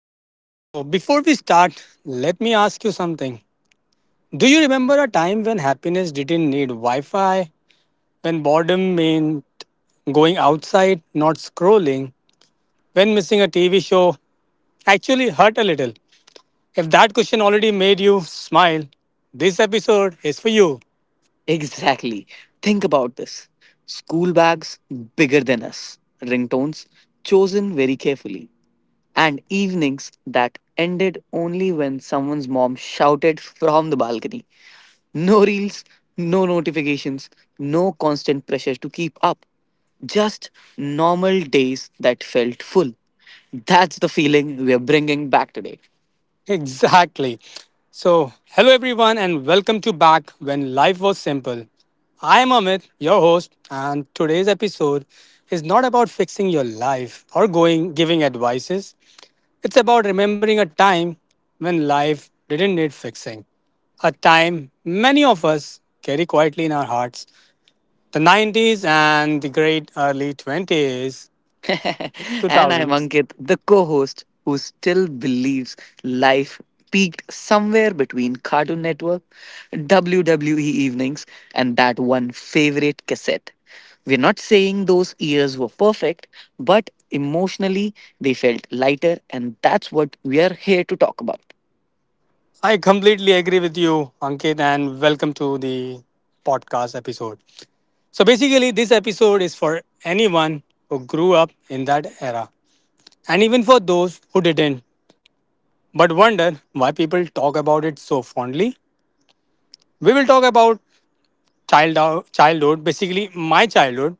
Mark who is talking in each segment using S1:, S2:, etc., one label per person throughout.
S1: All right, so before we start, let me ask you something. Do you remember a time when happiness didn't need Wi Fi? When boredom meant going outside, not scrolling? When missing a TV show actually hurt a little? If that question already made you smile, this episode is for you.
S2: Exactly. Think about this school bags bigger than us, ringtones chosen very carefully, and evenings that ended only when someone's mom shouted from the balcony. No reels, no notifications, no constant pressure to keep up. Just normal days that felt full. That's the feeling we're bringing back today.
S1: Exactly. So, hello everyone, and welcome to Back When Life Was Simple. I am Amit, your host, and today's episode is not about fixing your life or going giving advices. It's about remembering a time when life didn't need fixing. A time many of us carry quietly in our hearts. The 90s and the great early 20s,
S2: And I'm
S1: 2000s.
S2: Ankit, the co host who still believes life peaked somewhere between Cartoon Network, WWE evenings, and that one favorite cassette. We're not saying those years were perfect, but emotionally they felt lighter, and that's what we are here to talk about.
S1: I completely agree with you, Ankit, and welcome to the podcast episode. So, basically, this episode is for anyone who grew up in that era, and even for those who didn't, but wonder why people talk about it so fondly. We will talk about childhood, basically, my childhood,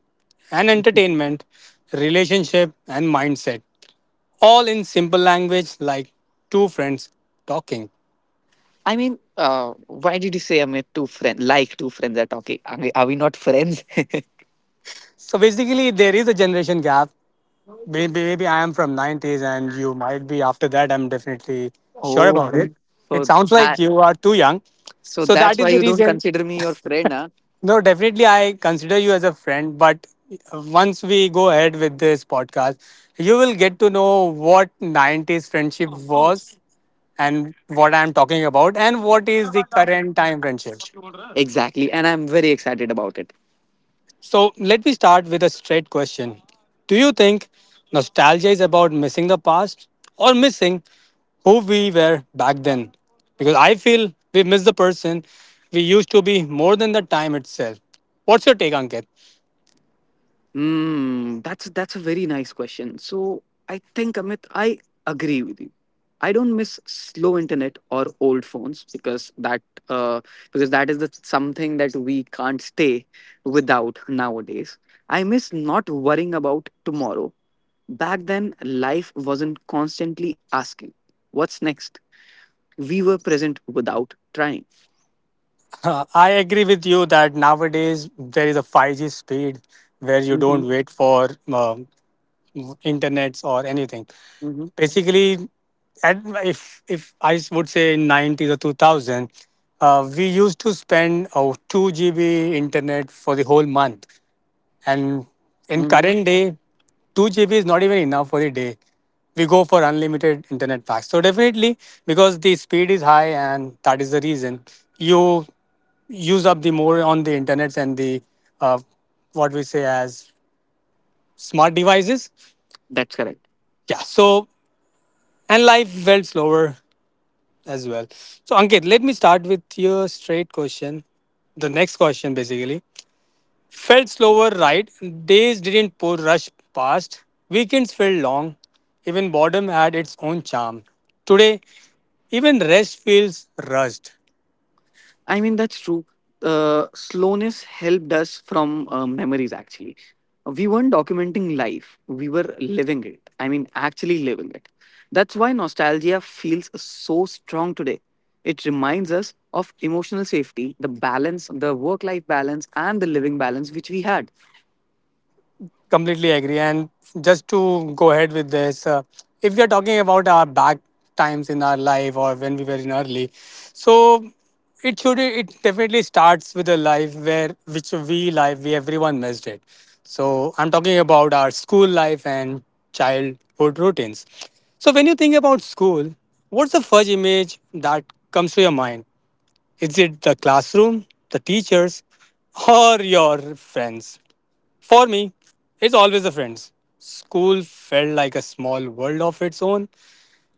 S1: and entertainment, relationship, and mindset, all in simple language like two friends talking.
S2: Why did you say I'm a two friend like two friends are talking? Are we not friends?
S1: So basically, there is a generation gap. Maybe I am from nineties and you might be after that. I'm definitely sure
S2: Oh,
S1: about it. It
S2: so
S1: sounds like
S2: that
S1: you are too young.
S2: so
S1: So
S2: that's
S1: that
S2: why
S1: is the
S2: you don't
S1: reason.
S2: consider me your friend.
S1: No, definitely I consider you as a friend, but once we go ahead with this podcast, you will get to know what 90s friendship was and what I'm talking about and what is the current time friendship.
S2: Exactly, and I'm very excited about it.
S1: So let me start with a straight question. Do you think nostalgia is about missing the past or missing who we were back then? Because I feel we miss the person we used to be more than the time itself. What's your take, Ankit?
S2: Hmm, that's a very nice question. So I think Amit, I agree with you. I don't miss slow internet or old phones uh, because that is the something that we can't stay without nowadays. I miss not worrying about tomorrow. Back then, life wasn't constantly asking, "What's next?" We were present without trying.
S1: I agree with you that nowadays there is a 5G speed where you
S2: Hmm.
S1: don't wait for internets or anything.
S2: Hmm.
S1: Basically, at, if I would say in 90s or 2000, we used to spend 2 GB internet for the whole month, and in
S2: Hmm.
S1: current day 2 GB is not even enough for the day. We go for unlimited internet packs. So definitely, because the speed is high, and that is the reason you use up the more on the internet and the uh, what we say as smart devices.
S2: That's correct.
S1: Yeah, so and life felt slower as well. So, Ankit, let me start with your straight question. The next question, basically, felt slower. Right. Days didn't pour rush past. Weekends felt long. Even boredom had its own charm. Today, even rest feels rushed.
S2: I mean, that's true. Slowness helped us from memories, actually. We weren't documenting life, we were living it. I mean, actually living it. That's why nostalgia feels so strong today. It reminds us of emotional safety, the balance, the work life balance, and the living balance which we had.
S1: Completely agree. And just to go ahead with this, if we are talking about our back times in our life or when we were in early, so it should it definitely starts with a life where which we life we everyone missed it. So I'm talking about our school life and childhood routines. So when you think about school, what's the first image that comes to your mind? Is it the classroom, the teachers, or your friends? For me, it's always the friends. School felt like a small world of its own.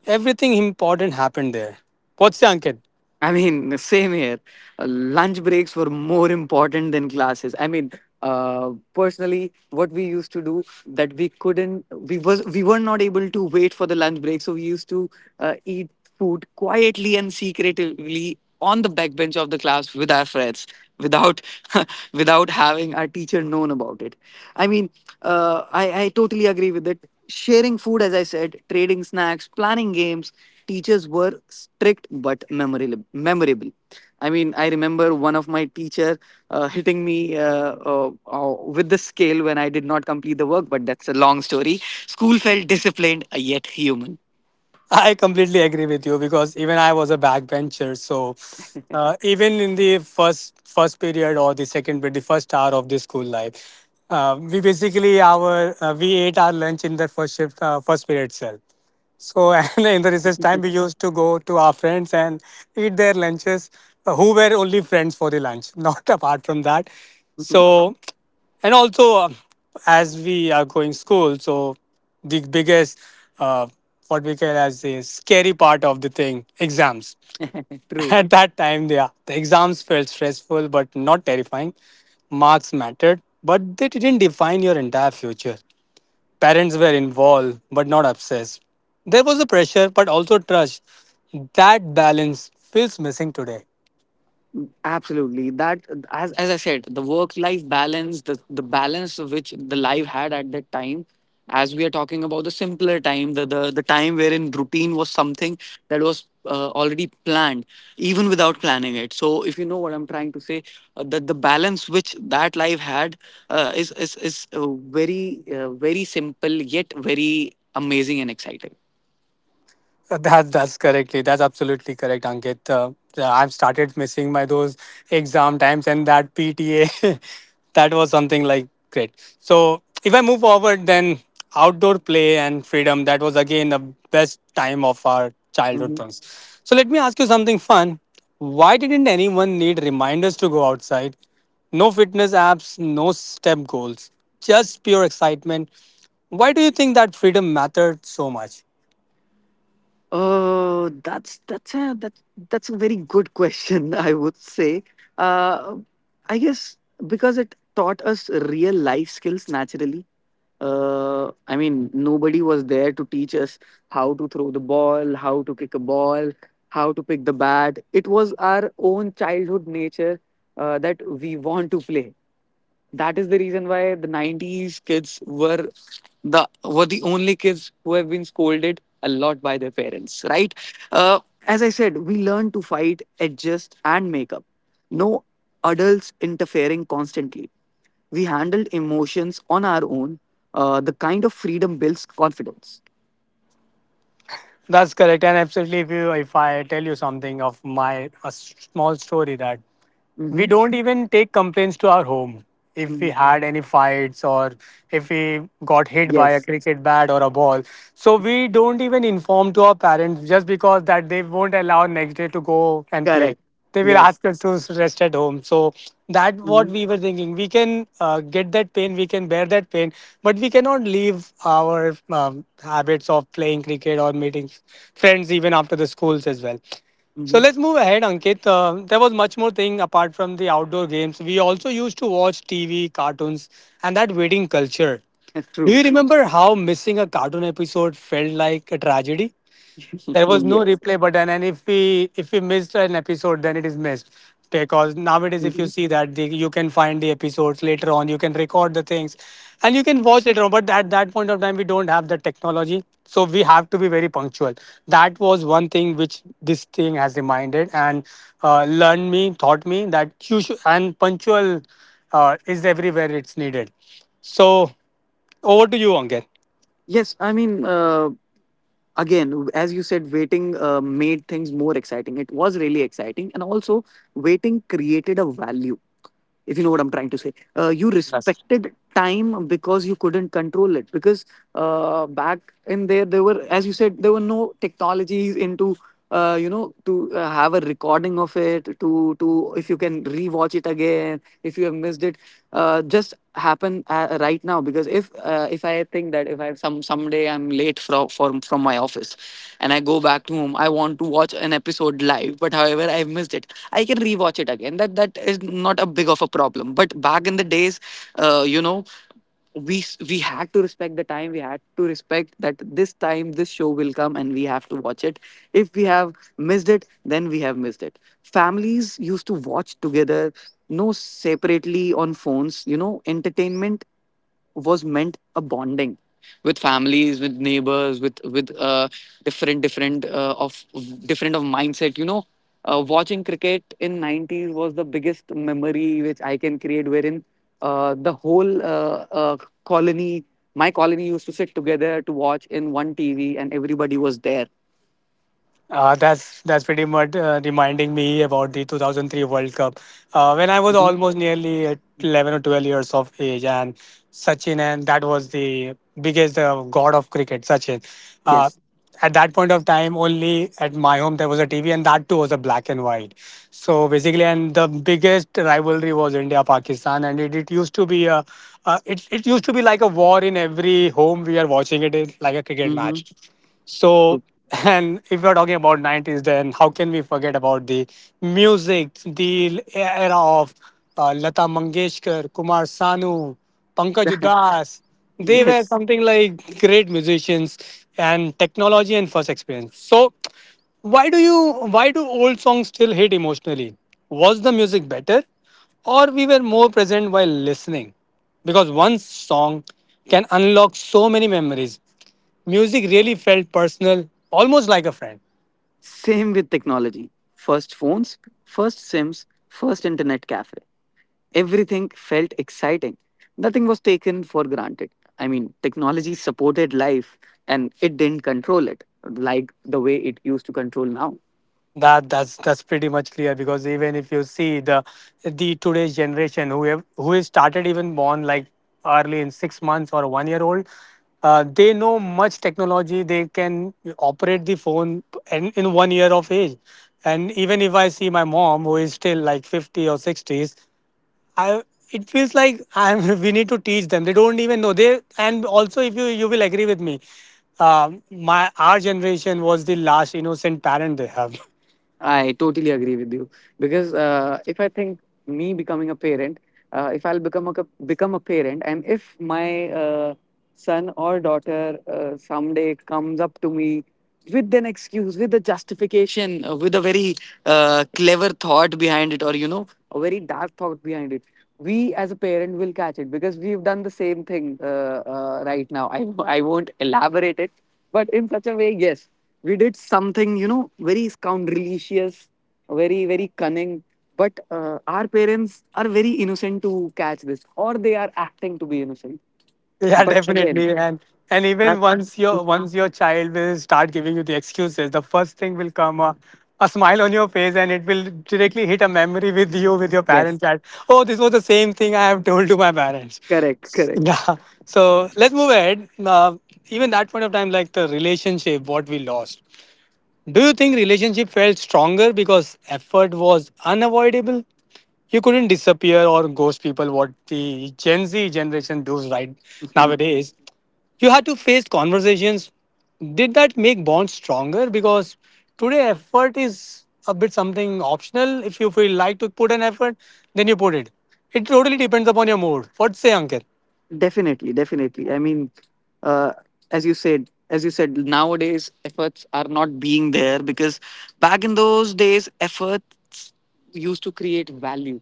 S1: Everything important happened there. What's the Ankit?
S2: I mean, same here. Lunch breaks were more important than classes. Personally, what we used to do that we couldn't, we was we were not able to wait for the lunch break, so we used to eat food quietly and secretively on the back bench of the class with our friends without without having our teacher known about it. I mean, I totally agree with it. Sharing food, as I said, trading snacks, planning games, teachers were strict but memorable. I mean, I remember one of my teacher hitting me with the scale when I did not complete the work, but that's a long story. School felt disciplined yet human.
S1: I completely agree with you because even I was a backbencher. So even in the first period or the second period, the first hour of the school life, we basically our we ate our lunch in the first shift, first period itself. So and in the recess time, we used to go to our friends and eat their lunches, who were only friends for the lunch, not apart from that. So and also as we are going school, so the biggest uh, what we call as a scary part of the thing, exams.
S2: True.
S1: At that time, yeah, the exams felt stressful but not terrifying. Marks mattered, but they didn't define your entire future. Parents were involved but not obsessed. There was a pressure but also trust. That balance feels missing today.
S2: Absolutely. That as I said, the work life balance, the balance of which the life had at that time, as we are talking about the simpler time, the time wherein routine was something that was already planned, even without planning it. So if you know what I'm trying to say, that the balance which that life had is very very simple yet very amazing and exciting.
S1: That's correctly. That's absolutely correct, Ankit. I've started missing my those exam times and that PTA. that was something like great. So if I move forward, then outdoor play and freedom. That was again the best time of our childhood
S2: Mm-hmm.
S1: things. So let me ask you something fun. Why didn't anyone need reminders to go outside? No fitness apps, no step goals, just pure excitement. Why do you think that freedom mattered so much?
S2: Oh, that's a very good question, I would say. Uh, I guess because it taught us real life skills naturally. I mean, nobody was there to teach us how to throw the ball, how to kick a ball, how to pick the bat. It was our own childhood nature that we want to play. That is the reason why the 90s kids were the only kids who have been scolded a lot by their parents, right? uh, as I said, we learn to fight, adjust and make up. No adults interfering constantly. We handled emotions on our own. The kind of freedom builds confidence.
S1: That's correct. And absolutely, if you if I tell you something of my small story that we
S2: Hmm.
S1: don't even take complaints to our home if we
S2: Hmm.
S1: had any fights or if we got hit by a
S2: Yes.
S1: cricket bat or a ball. So we don't even inform to our parents, just because that they won't allow next day to go and play.
S2: Correct.
S1: They will
S2: Yes.
S1: ask us to rest at home. So that what
S2: Hmm.
S1: we were thinking, we can get that pain, we can bear that pain, but we cannot leave our habits of playing cricket or meeting friends even after the schools as well. So
S2: Hmm.
S1: let's move ahead, Ankit. There was much more thing apart from the outdoor games. We also used to watch TV, cartoons, and that waiting culture.
S2: That's
S1: Do
S2: true.
S1: you remember how missing a cartoon episode felt like a tragedy? There was no
S2: Yes.
S1: replay button, and if we missed an episode, then it is missed. Because nowadays if you
S2: Hmm.
S1: see that the, you can find the episodes later on, you can record the things and you can watch later on. But at that point of time we don't have the technology, so we have to be very punctual. That was one thing which this thing has reminded, and learned me taught me that you should and punctual is everywhere it's needed. So over to you, Ankit.
S2: Yes. Again, as you said, waiting made things more exciting. It was really exciting, and also waiting created a value, if you know what I'm trying to say. You respected time because you couldn't control it. Because back in there, there were, as you said, there were no technologies into, you know, to have a recording of it, to if you can rewatch it again, if you have missed it, just happen right now. Because if I think that if I some someday I'm late from my office, and I go back to home, I want to watch an episode live, but however I have missed it, I can rewatch it again. That is not a big of a problem. But back in the days, you know, we had to respect the time. We had to respect that this time this show will come and we have to watch it. If we have missed it, then we have missed it. Families used to watch together, no separately on phones. You know, entertainment was meant a bonding with families, with neighbors, with different different of different of mindset, you know. Watching cricket in 90s was the biggest memory which I can create, wherein the whole colony, my colony used to sit together to watch in one TV and everybody was there.
S1: That's pretty much reminding me about the 2003 World Cup when I was
S2: Mhm.
S1: almost nearly at 11 or 12 years of age, and Sachin, and that was the biggest god of cricket, Sachin. Uh,
S2: Yes.
S1: at that point of time, only at my home there was a TV, and that too was a black and white. So basically, and the biggest rivalry was India Pakistan, and it used to be a it used to be like a war in every home we are watching it in, like a cricket
S2: Hmm.
S1: match. So and if we're talking about 90s, then how can we forget about the music, the era of Lata Mangeshkar, Kumar Sanu, Pankaj Udas? They were
S2: Yes.
S1: something like great musicians and technology and first experience. So, why do old songs still hit emotionally? Was the music better, or we were more present while listening? Because one song can unlock so many memories. Music really felt personal, almost like a friend.
S2: Same with technology. First phones, first SIMs, first internet cafe. Everything felt exciting. Nothing was taken for granted. I mean, technology supported life and it didn't control it like the way it used to control now.
S1: That that's pretty much clear, because even if you see the today's generation who have, who is started even born like early in 6 months or one year old, they know much technology. They can operate the phone in one year of age. And even if I see my mom, who is still like 50 or 60s, I it feels like I'm we need to teach them. They don't even know. They, and also if you you will agree with me, my our generation was the last innocent parent they have.
S2: I totally agree with you because if I think me becoming a parent, if I'll become a parent, and if my son or daughter someday comes up to me with an excuse, with a justification, with a very clever thought behind it, or you know, a very dark thought behind it, we as a parent will catch it because we've done the same thing right now. I won't elaborate it, but in such a way, yes, we did something, you know, very scoundrelicious, very cunning, but our parents are very innocent to catch this, or they are acting to be innocent.
S1: Yeah,
S2: But again,
S1: definitely. And even
S2: that.
S1: once your child will start giving you the excuses, the first thing will come a smile on your face, and it will directly hit a memory with you with your
S2: Yes.
S1: parents that oh, this was the same thing I have told to my parents.
S2: Correct. Correct.
S1: Yeah. So let's move ahead. Uh, even that point of time, like the relationship, what we lost. Do you think relationship felt stronger because effort was unavoidable? You couldn't disappear or ghost people what the Gen Z generation does right nowadays. You had to face conversations. Did that make bonds stronger? Because today effort is a bit something optional. If you feel like to put an effort, then you put it. It totally depends upon your mood. What say, Ankit?
S2: Definitely, definitely. Uh, as you said, as you said, nowadays efforts are not being there because back in those days, efforts used to create value.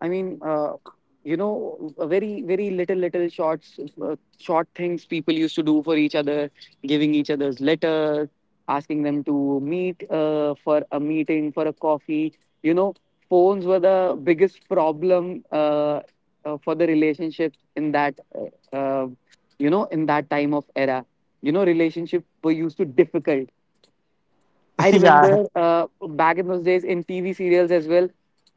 S2: I mean, uh, you know, very little shorts, short things people used to do for each other, giving each other's letters, asking them to meet for a meeting for a coffee. You know, phones were the biggest problem for the relationship in that you know, in that time of era. You know, relationship were used to difficult. I remember back in those days in TV serials as well,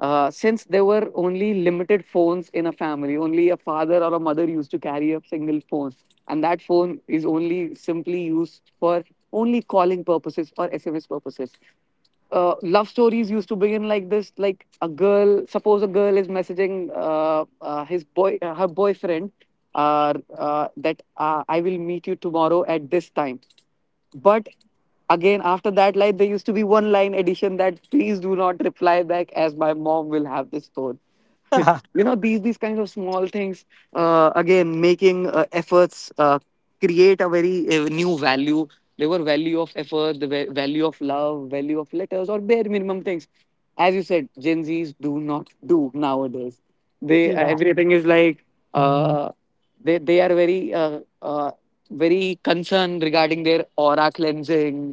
S2: since there were only limited phones in a family, only a father or a mother used to carry a single phone, and that phone is only simply used for only calling purposes or SMS purposes. Love stories used to begin like this, like a girl, suppose a girl is messaging his boy her boyfriend, that I will meet you tomorrow at this time. But again, after that line, there used to be one line addition that please do not reply back as my mom will have this phone. You know, these kinds of small things, again making efforts create a very new value. There were value of effort, the value of love, value of letters, or bare minimum things, as you said, Gen Z's do not do nowadays. They
S1: yeah.
S2: Everything is like, uh, they are very uh, very concerned regarding their aura cleansing,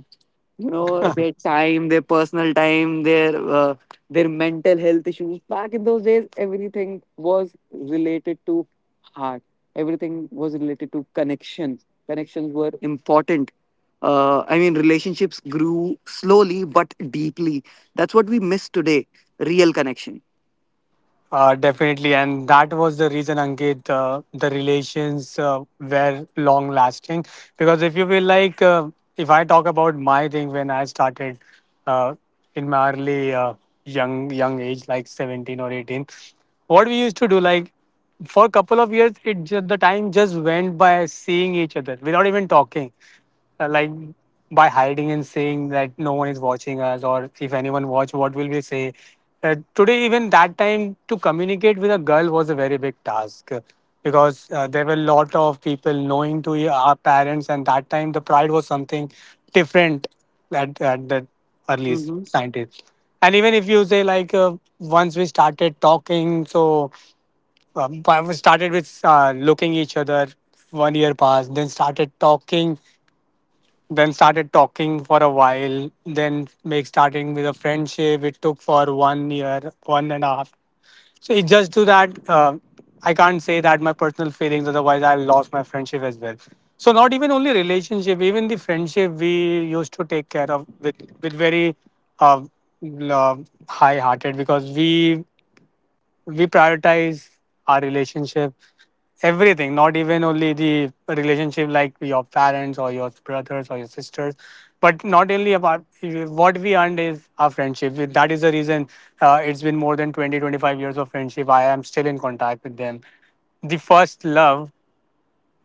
S2: you know, their time, their personal time, uh, their mental health issues. Back in those days, everything was related to heart. Everything was related to connections. Connections were important. I mean, relationships grew slowly but deeply. That's what we miss today, real connection.
S1: Definitely, and that was the reason, Ankit. The relations were long lasting because if you feel like, if I talk about my thing when I started uh, in my early young age, like 17 or 18, what we used to do, like for a couple of years, the time just went by seeing each other without even talking, like by hiding and saying that no one is watching us, or if anyone watch what will we say. Today even that time to communicate with a girl was a very big task, because there were a lot of people knowing to our parents, and that time the pride was something different at, the early 90s. And even if you say like, once we started talking, so we started with looking each other. 1 year passed, then started talking, then started talking for a while, then make starting with a friendship, it took for 1 year, one and a half. So it just to that, I can't say that my personal feelings, otherwise I lost my friendship as well. So not even only relationship, even the friendship we used to take care of with very uh, l- uh, high hearted, because we prioritize our relationship, everything, not even only the relationship like your parents or your brothers or your sisters, but not only about what we earned is our friendship. That is the reason it's been more than 20, 25 years of friendship. I am still in contact with them. The first love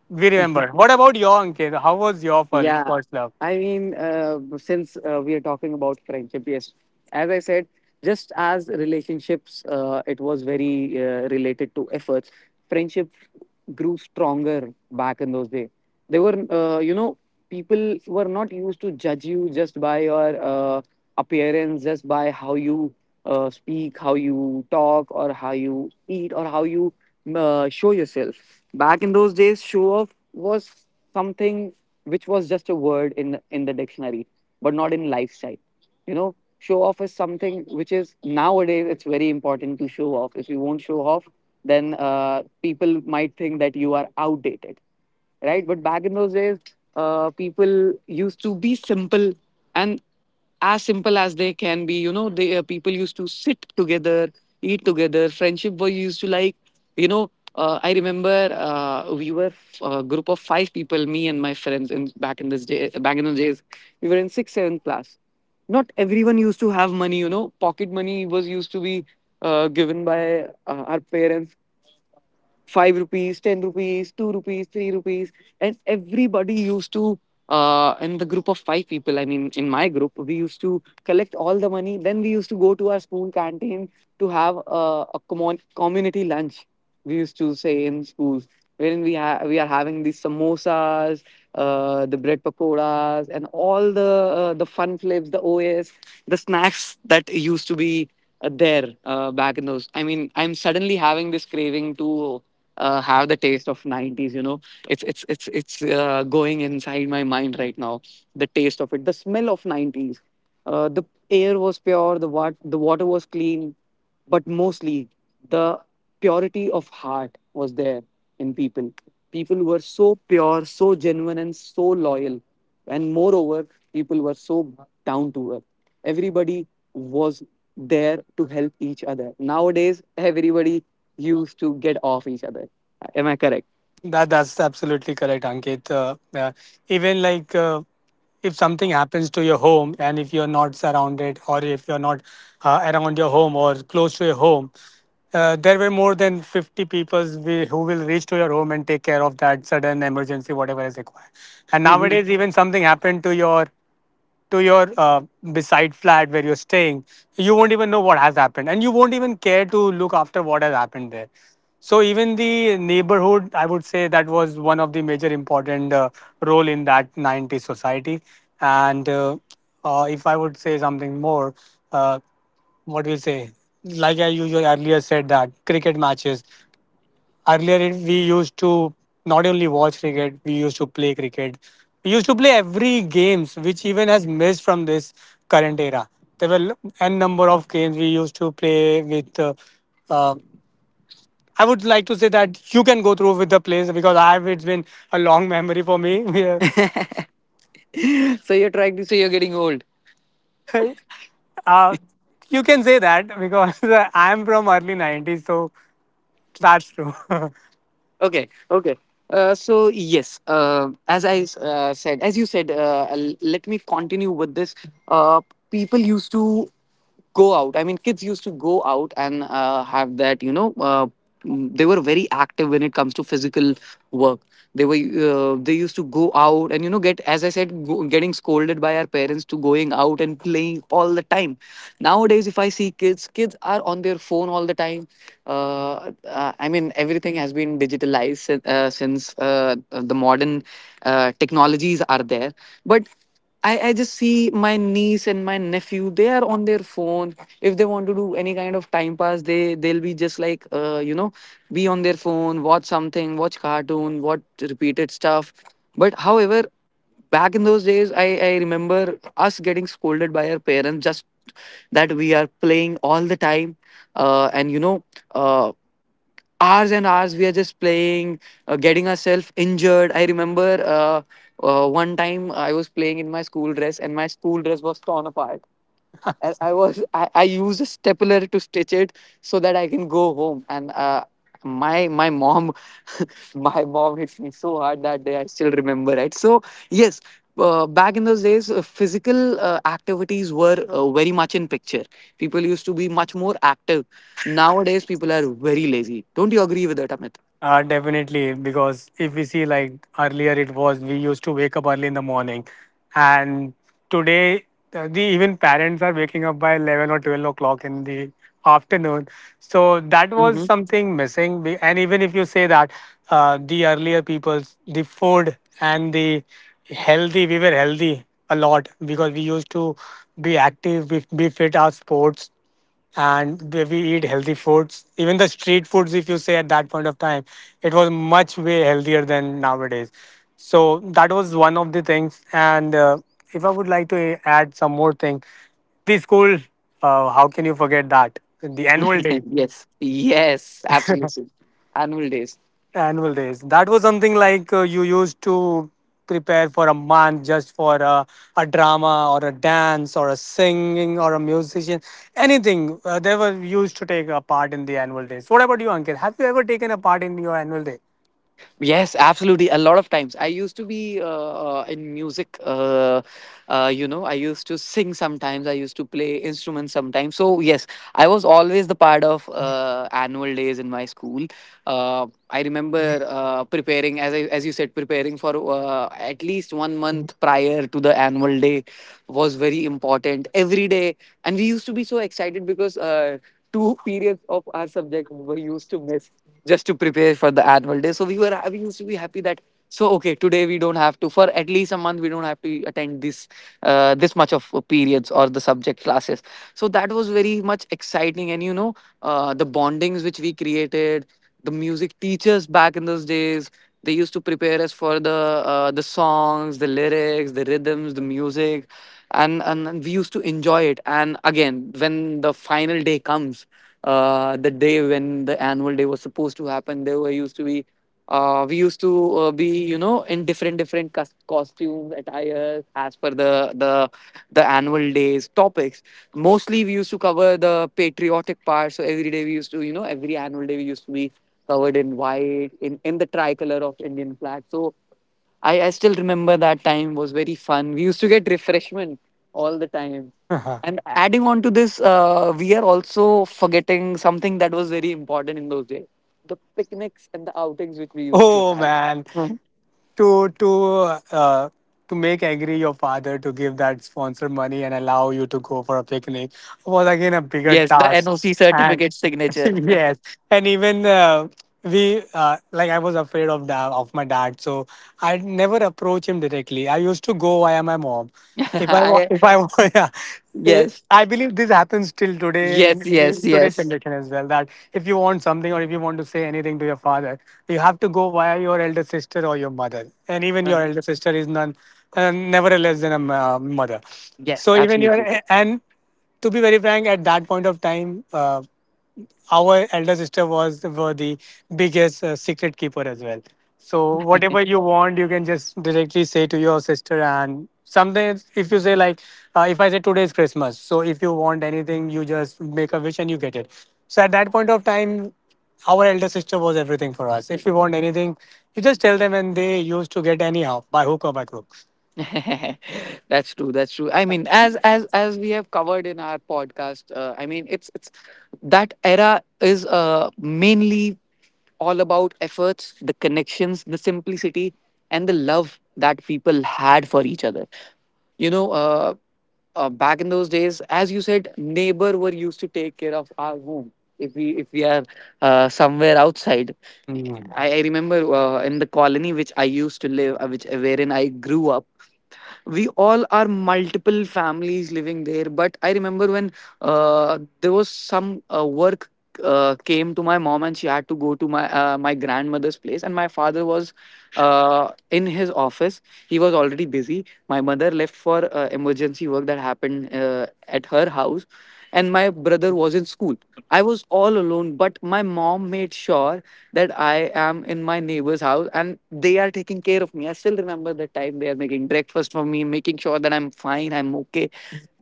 S1: we remember. What about your, Ankit? How was your
S2: Yeah,
S1: first love?
S2: since we are talking about friendship, yes, as I said, just as relationships, it was very related to efforts. Friendship grew stronger back in those days. They were, you know, people were not used to judge you just by your appearance, just by how you speak, how you talk, or how you eat, or how you show yourself. Back in those days, show off was something which was just a word in the dictionary, but not in lifestyle. You know, show off is something which is nowadays it's very important to show off. If you won't show off, then people might think that you are outdated, right? But back in those days, people used to be simple and as simple as they can be, you know they people used to sit together, eat together, friendship were used to like. you know I remember, we were a group of five people, me and my friends, in back in this day back in those days. We were in sixth seventh class. Not everyone used to have money. Pocket money was used to be given by our parents: 5 rupees, 10 rupees, 2 rupees, 3 rupees, and everybody used to. In the group of five people, I mean, in my group, we used to collect all the money. Then we used to go to our school canteen to have a common community lunch. We used to say in schools, wherein we are having these samosas, the bread pakoras, and all the fun flips, the OS, the snacks that used to be there, back in those. I mean, I'm suddenly having this craving to have the taste of 90s. It's going inside my mind right now, the taste of it, the smell of 90s. The air was pure, the water was clean, but mostly the purity of heart was there in people. People were so pure, so genuine, and so loyal. And moreover, people were so down to earth. Everybody was there to help each other. Nowadays everybody used to get off each other. Am I correct?
S1: That's absolutely correct, Ankit. Even like, if something happens to your home, and if you're not surrounded, or if you're not around your home or close to your home, there were more than 50 people who will reach to your home and take care of that sudden emergency, whatever is required. And
S2: Mhm.
S1: nowadays, even something happened to your beside flat where you're staying, you won't even know what has happened, and you won't even care to look after what has happened there. So even the neighborhood, I would say that was one of the major important role in that 90s society. And if I would say something more, uh, what do you say? Like I usually earlier said that cricket matches. Earlier, we used to not only watch cricket, we used to play cricket. We used to play every games, which even has missed from this current era. There were n number of games we used to play with. Uh, I would like to say that you can go through with the plays because I've it's been a long memory for me.
S2: So you're trying to say you're getting old.
S1: Yeah. uh, you can say that because I'm from early '90s, so that's true.
S2: Okay, okay. So yes, as I said, as you said, let me continue with this. Uh, People used to go out. I mean, kids used to go out and have that, they were very active when it comes to physical work. They used to go out and, get, as I said, getting scolded by our parents to going out and playing all the time. Nowadays, if I see kids, are on their phone all the time. I mean, everything has been digitalized, since the modern technologies are there. But I just see my niece and my nephew. They are on their phone. If they want to do any kind of time pass, they'll be just like, be on their phone, watch something, watch cartoon, watch repeated stuff. But however, back in those days, I remember us getting scolded by our parents just that we are playing all the time, and, uh, hours and hours we are just playing, getting ourselves injured. I remember, one time I was playing in my school dress, and my school dress was torn apart. And I used a stapler to stitch it so that I can go home. And my mom, my mom hit me so hard that day. I still remember it. So yes, back in those days, physical activities were very much in picture. People used to be much more active. Nowadays, people are very lazy. Don't you agree with that, Amit?
S1: Definitely, because if we see like earlier, it was we used to wake up early in the morning, and today the even parents are waking up by 11 or 12 o'clock in the afternoon. So that was
S2: Mm-hmm.
S1: something missing. And even if you say that the earlier people's the food and the healthy, we were healthy a lot because we used to be active, be fit our sports, and we eat healthy foods. Even the street foods, if you say at that point of time, it was much way healthier than nowadays. So that was one of the things. And if I would like to add some more thing, the school, how can you forget that? The annual day.
S2: Yes, yes, absolutely. Annual days.
S1: Annual days. That was something like, you used to prepare for a month just for a drama or a dance or a singing or a musician, anything. They were used to take a part in the annual days. What about you, Ankit? Have you ever taken a part in your annual day?
S2: Yes, absolutely. A lot of times. I used to be in music. I used to sing sometimes, I used to play instruments sometimes. So, yes, I was always the part of annual days in my school. I remember preparing, as you said, preparing for at least one month prior to the annual day was very important every day. And we used to be so excited because two periods of our subject were used to miss just to prepare for the annual day. So we used to be happy that, so okay, today we don't have to, for at least a month we don't have to attend this, this much of periods or the subject classes. So that was very much exciting, and the bondings which we created, the music teachers back in those days, they used to prepare us for the songs, the lyrics, the rhythms, the music, and we used to enjoy it. And again, when the final day comes, the day when the annual day was supposed to happen, there were used to be, we used to be in different different costumes, attires, as per the annual days topics. Mostly we used to cover the patriotic part, so every day we used to, every annual day we used to be covered in white, in the tricolor of Indian flag. So I still remember that time was very fun. We used to get refreshment all the time. And adding on to this, we are also forgetting something that was very important in those days: the picnics and the outings which we used to
S1: Oh
S2: have.
S1: man,
S2: Mhm.
S1: to to uh, to make angry your father to give that sponsor money and allow you to go for a picnic was again a bigger
S2: Yes, the
S1: task.
S2: NOC
S1: And
S2: certificate signature.
S1: yes, and even, we, like I was afraid of of my dad, so I never approach him directly, I used to go via my mom.
S2: I,
S1: If I wa- Yeah. Eh,
S2: yes,
S1: I believe this happens till today in
S2: yes, yes,
S1: today's
S2: yes.
S1: generation as well, that if you want something or if you want to say anything to your father, you have to go via your elder sister or your mother. And even your
S2: Uh-huh.
S1: elder sister is none, never less than a mother.
S2: Yes,
S1: So even your,
S2: absolutely.
S1: and to be very frank, at that point of time, our elder sister was were the biggest secret keeper as well. So whatever you want, you can just directly say to your sister. And sometimes, if you say like, if I say today is Christmas, so if you want anything, you just make a wish and you get it. So at that point of time, our elder sister was everything for us. If you want anything, you just tell them, and they used to get anyhow by hook or by crook.
S2: That's true, that's true. I mean, as we have covered in our podcast, I mean, it's that era is mainly all about efforts, the connections, the simplicity, and the love that people had for each other. you know uh, Back in those days, as you said, neighbor were used to take care of our home, if we are somewhere outside. I remember, in the colony which I used to live, which wherein I grew up, we all are multiple families living there. But I remember when, there was some work came to my mom, and she had to go to my grandmother's place, and my father was in his office, he was already busy. My mother left for emergency work that happened at her house, and my brother was in school. I was all alone, but my mom made sure that I am in my neighbor's house and they are taking care of me. I still remember the time they are making breakfast for me, making sure that I'm fine, I'm okay.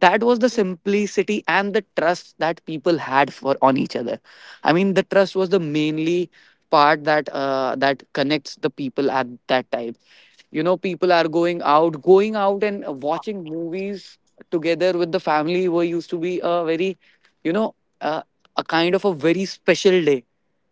S2: That was the simplicity and the trust that people had for on each other. I mean, the trust was the mainly part, that connects the people at that time. People are going out, and watching movies together with the family were used to be a very, you know, uh, a kind of a very special day,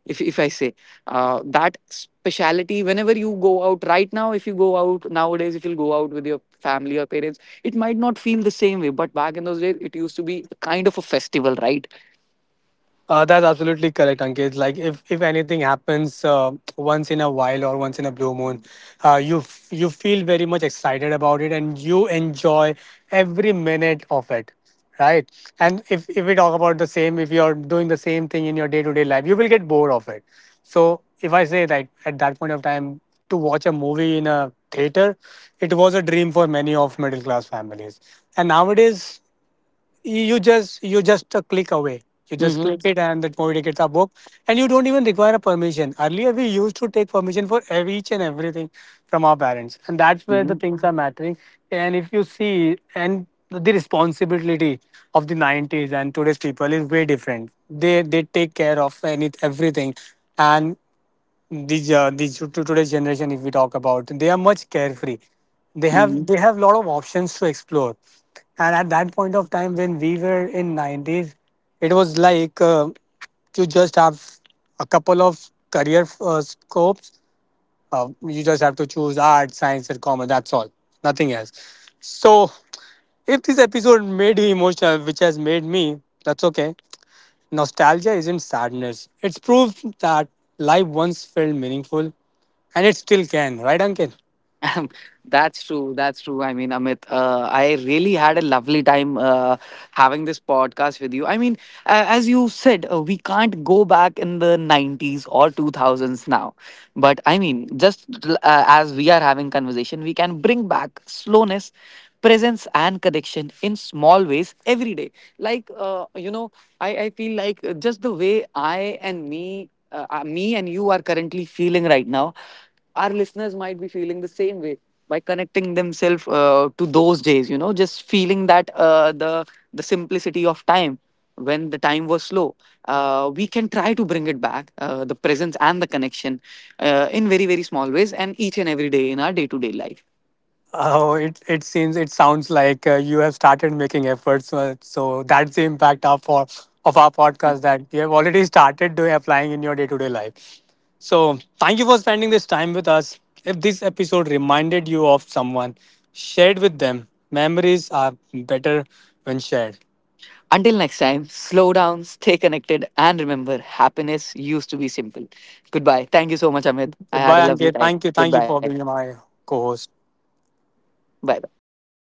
S2: if I say that speciality, whenever you go out right now, if you go out nowadays, if you go out with your family or parents, it might not feel the same way. But back in those days, it used to be kind of a festival, right?
S1: That's absolutely correct, Ankit. Like, if anything happens once in a while or once in a blue moon, you you feel very much excited about it and you enjoy every minute of it, right? And if we talk about the same, if you're doing the same thing in your day to day life, you will get bored of it. So, if I say like at that point of time to watch a movie in a theater, it was a dream for many of middle class families. And nowadays, you just a click away, you just
S2: Mm-hmm.
S1: click it and that movie tickets are booked, and you don't even require a permission. Earlier we used to take permission for every each and everything from our parents, and that's where the
S2: Mm-hmm.
S1: things are mattering. And if you see, and the responsibility of the 90s and today's people is way different. They take care of any everything. And these, the to today's generation, if we talk about, they are much carefree,
S2: Mm-hmm.
S1: they have lot of options to explore. And at that point of time when we were in 90s, it was like, you just have a couple of career scopes, you just have to choose art, science or commerce, that's all, nothing else. So if this episode made you emotional, which has made me, that's okay. Nostalgia isn't sadness. It's proof that life once felt meaningful, and it still can, right, Ankit?
S2: That's true. That's true. I mean, Amit, I really had a lovely time having this podcast with you. I mean, as you said, we can't go back in the 90s or 2000s now. But I mean, just, as we are having conversation, we can bring back slowness, presence, and connection in small ways every day. Like, I feel like, just the way me and you are currently feeling right now, our listeners might be feeling the same way, by connecting themselves to those days, just feeling that, the simplicity of time, when the time was slow. We can try to bring it back, the presence and the connection, in very very small ways, and each and every day in our day to day life.
S1: Oh, it seems, it sounds like you have started making efforts. So that's the impact of of our
S2: And
S1: podcast, that you have already started doing applying in your day to day life. So thank you for spending this time with us. If this episode reminded you of someone, share it with them. Memories are better when shared.
S2: until next time, slow down, stay connected, and remember happiness used to be simple. Goodbye. Thank you so much, Amit. I had
S1: Goodbye,
S2: a lovely
S1: Ankit.
S2: time.
S1: Thank you. Thank you
S2: Goodbye.
S1: for being my co host.
S2: Bye bye.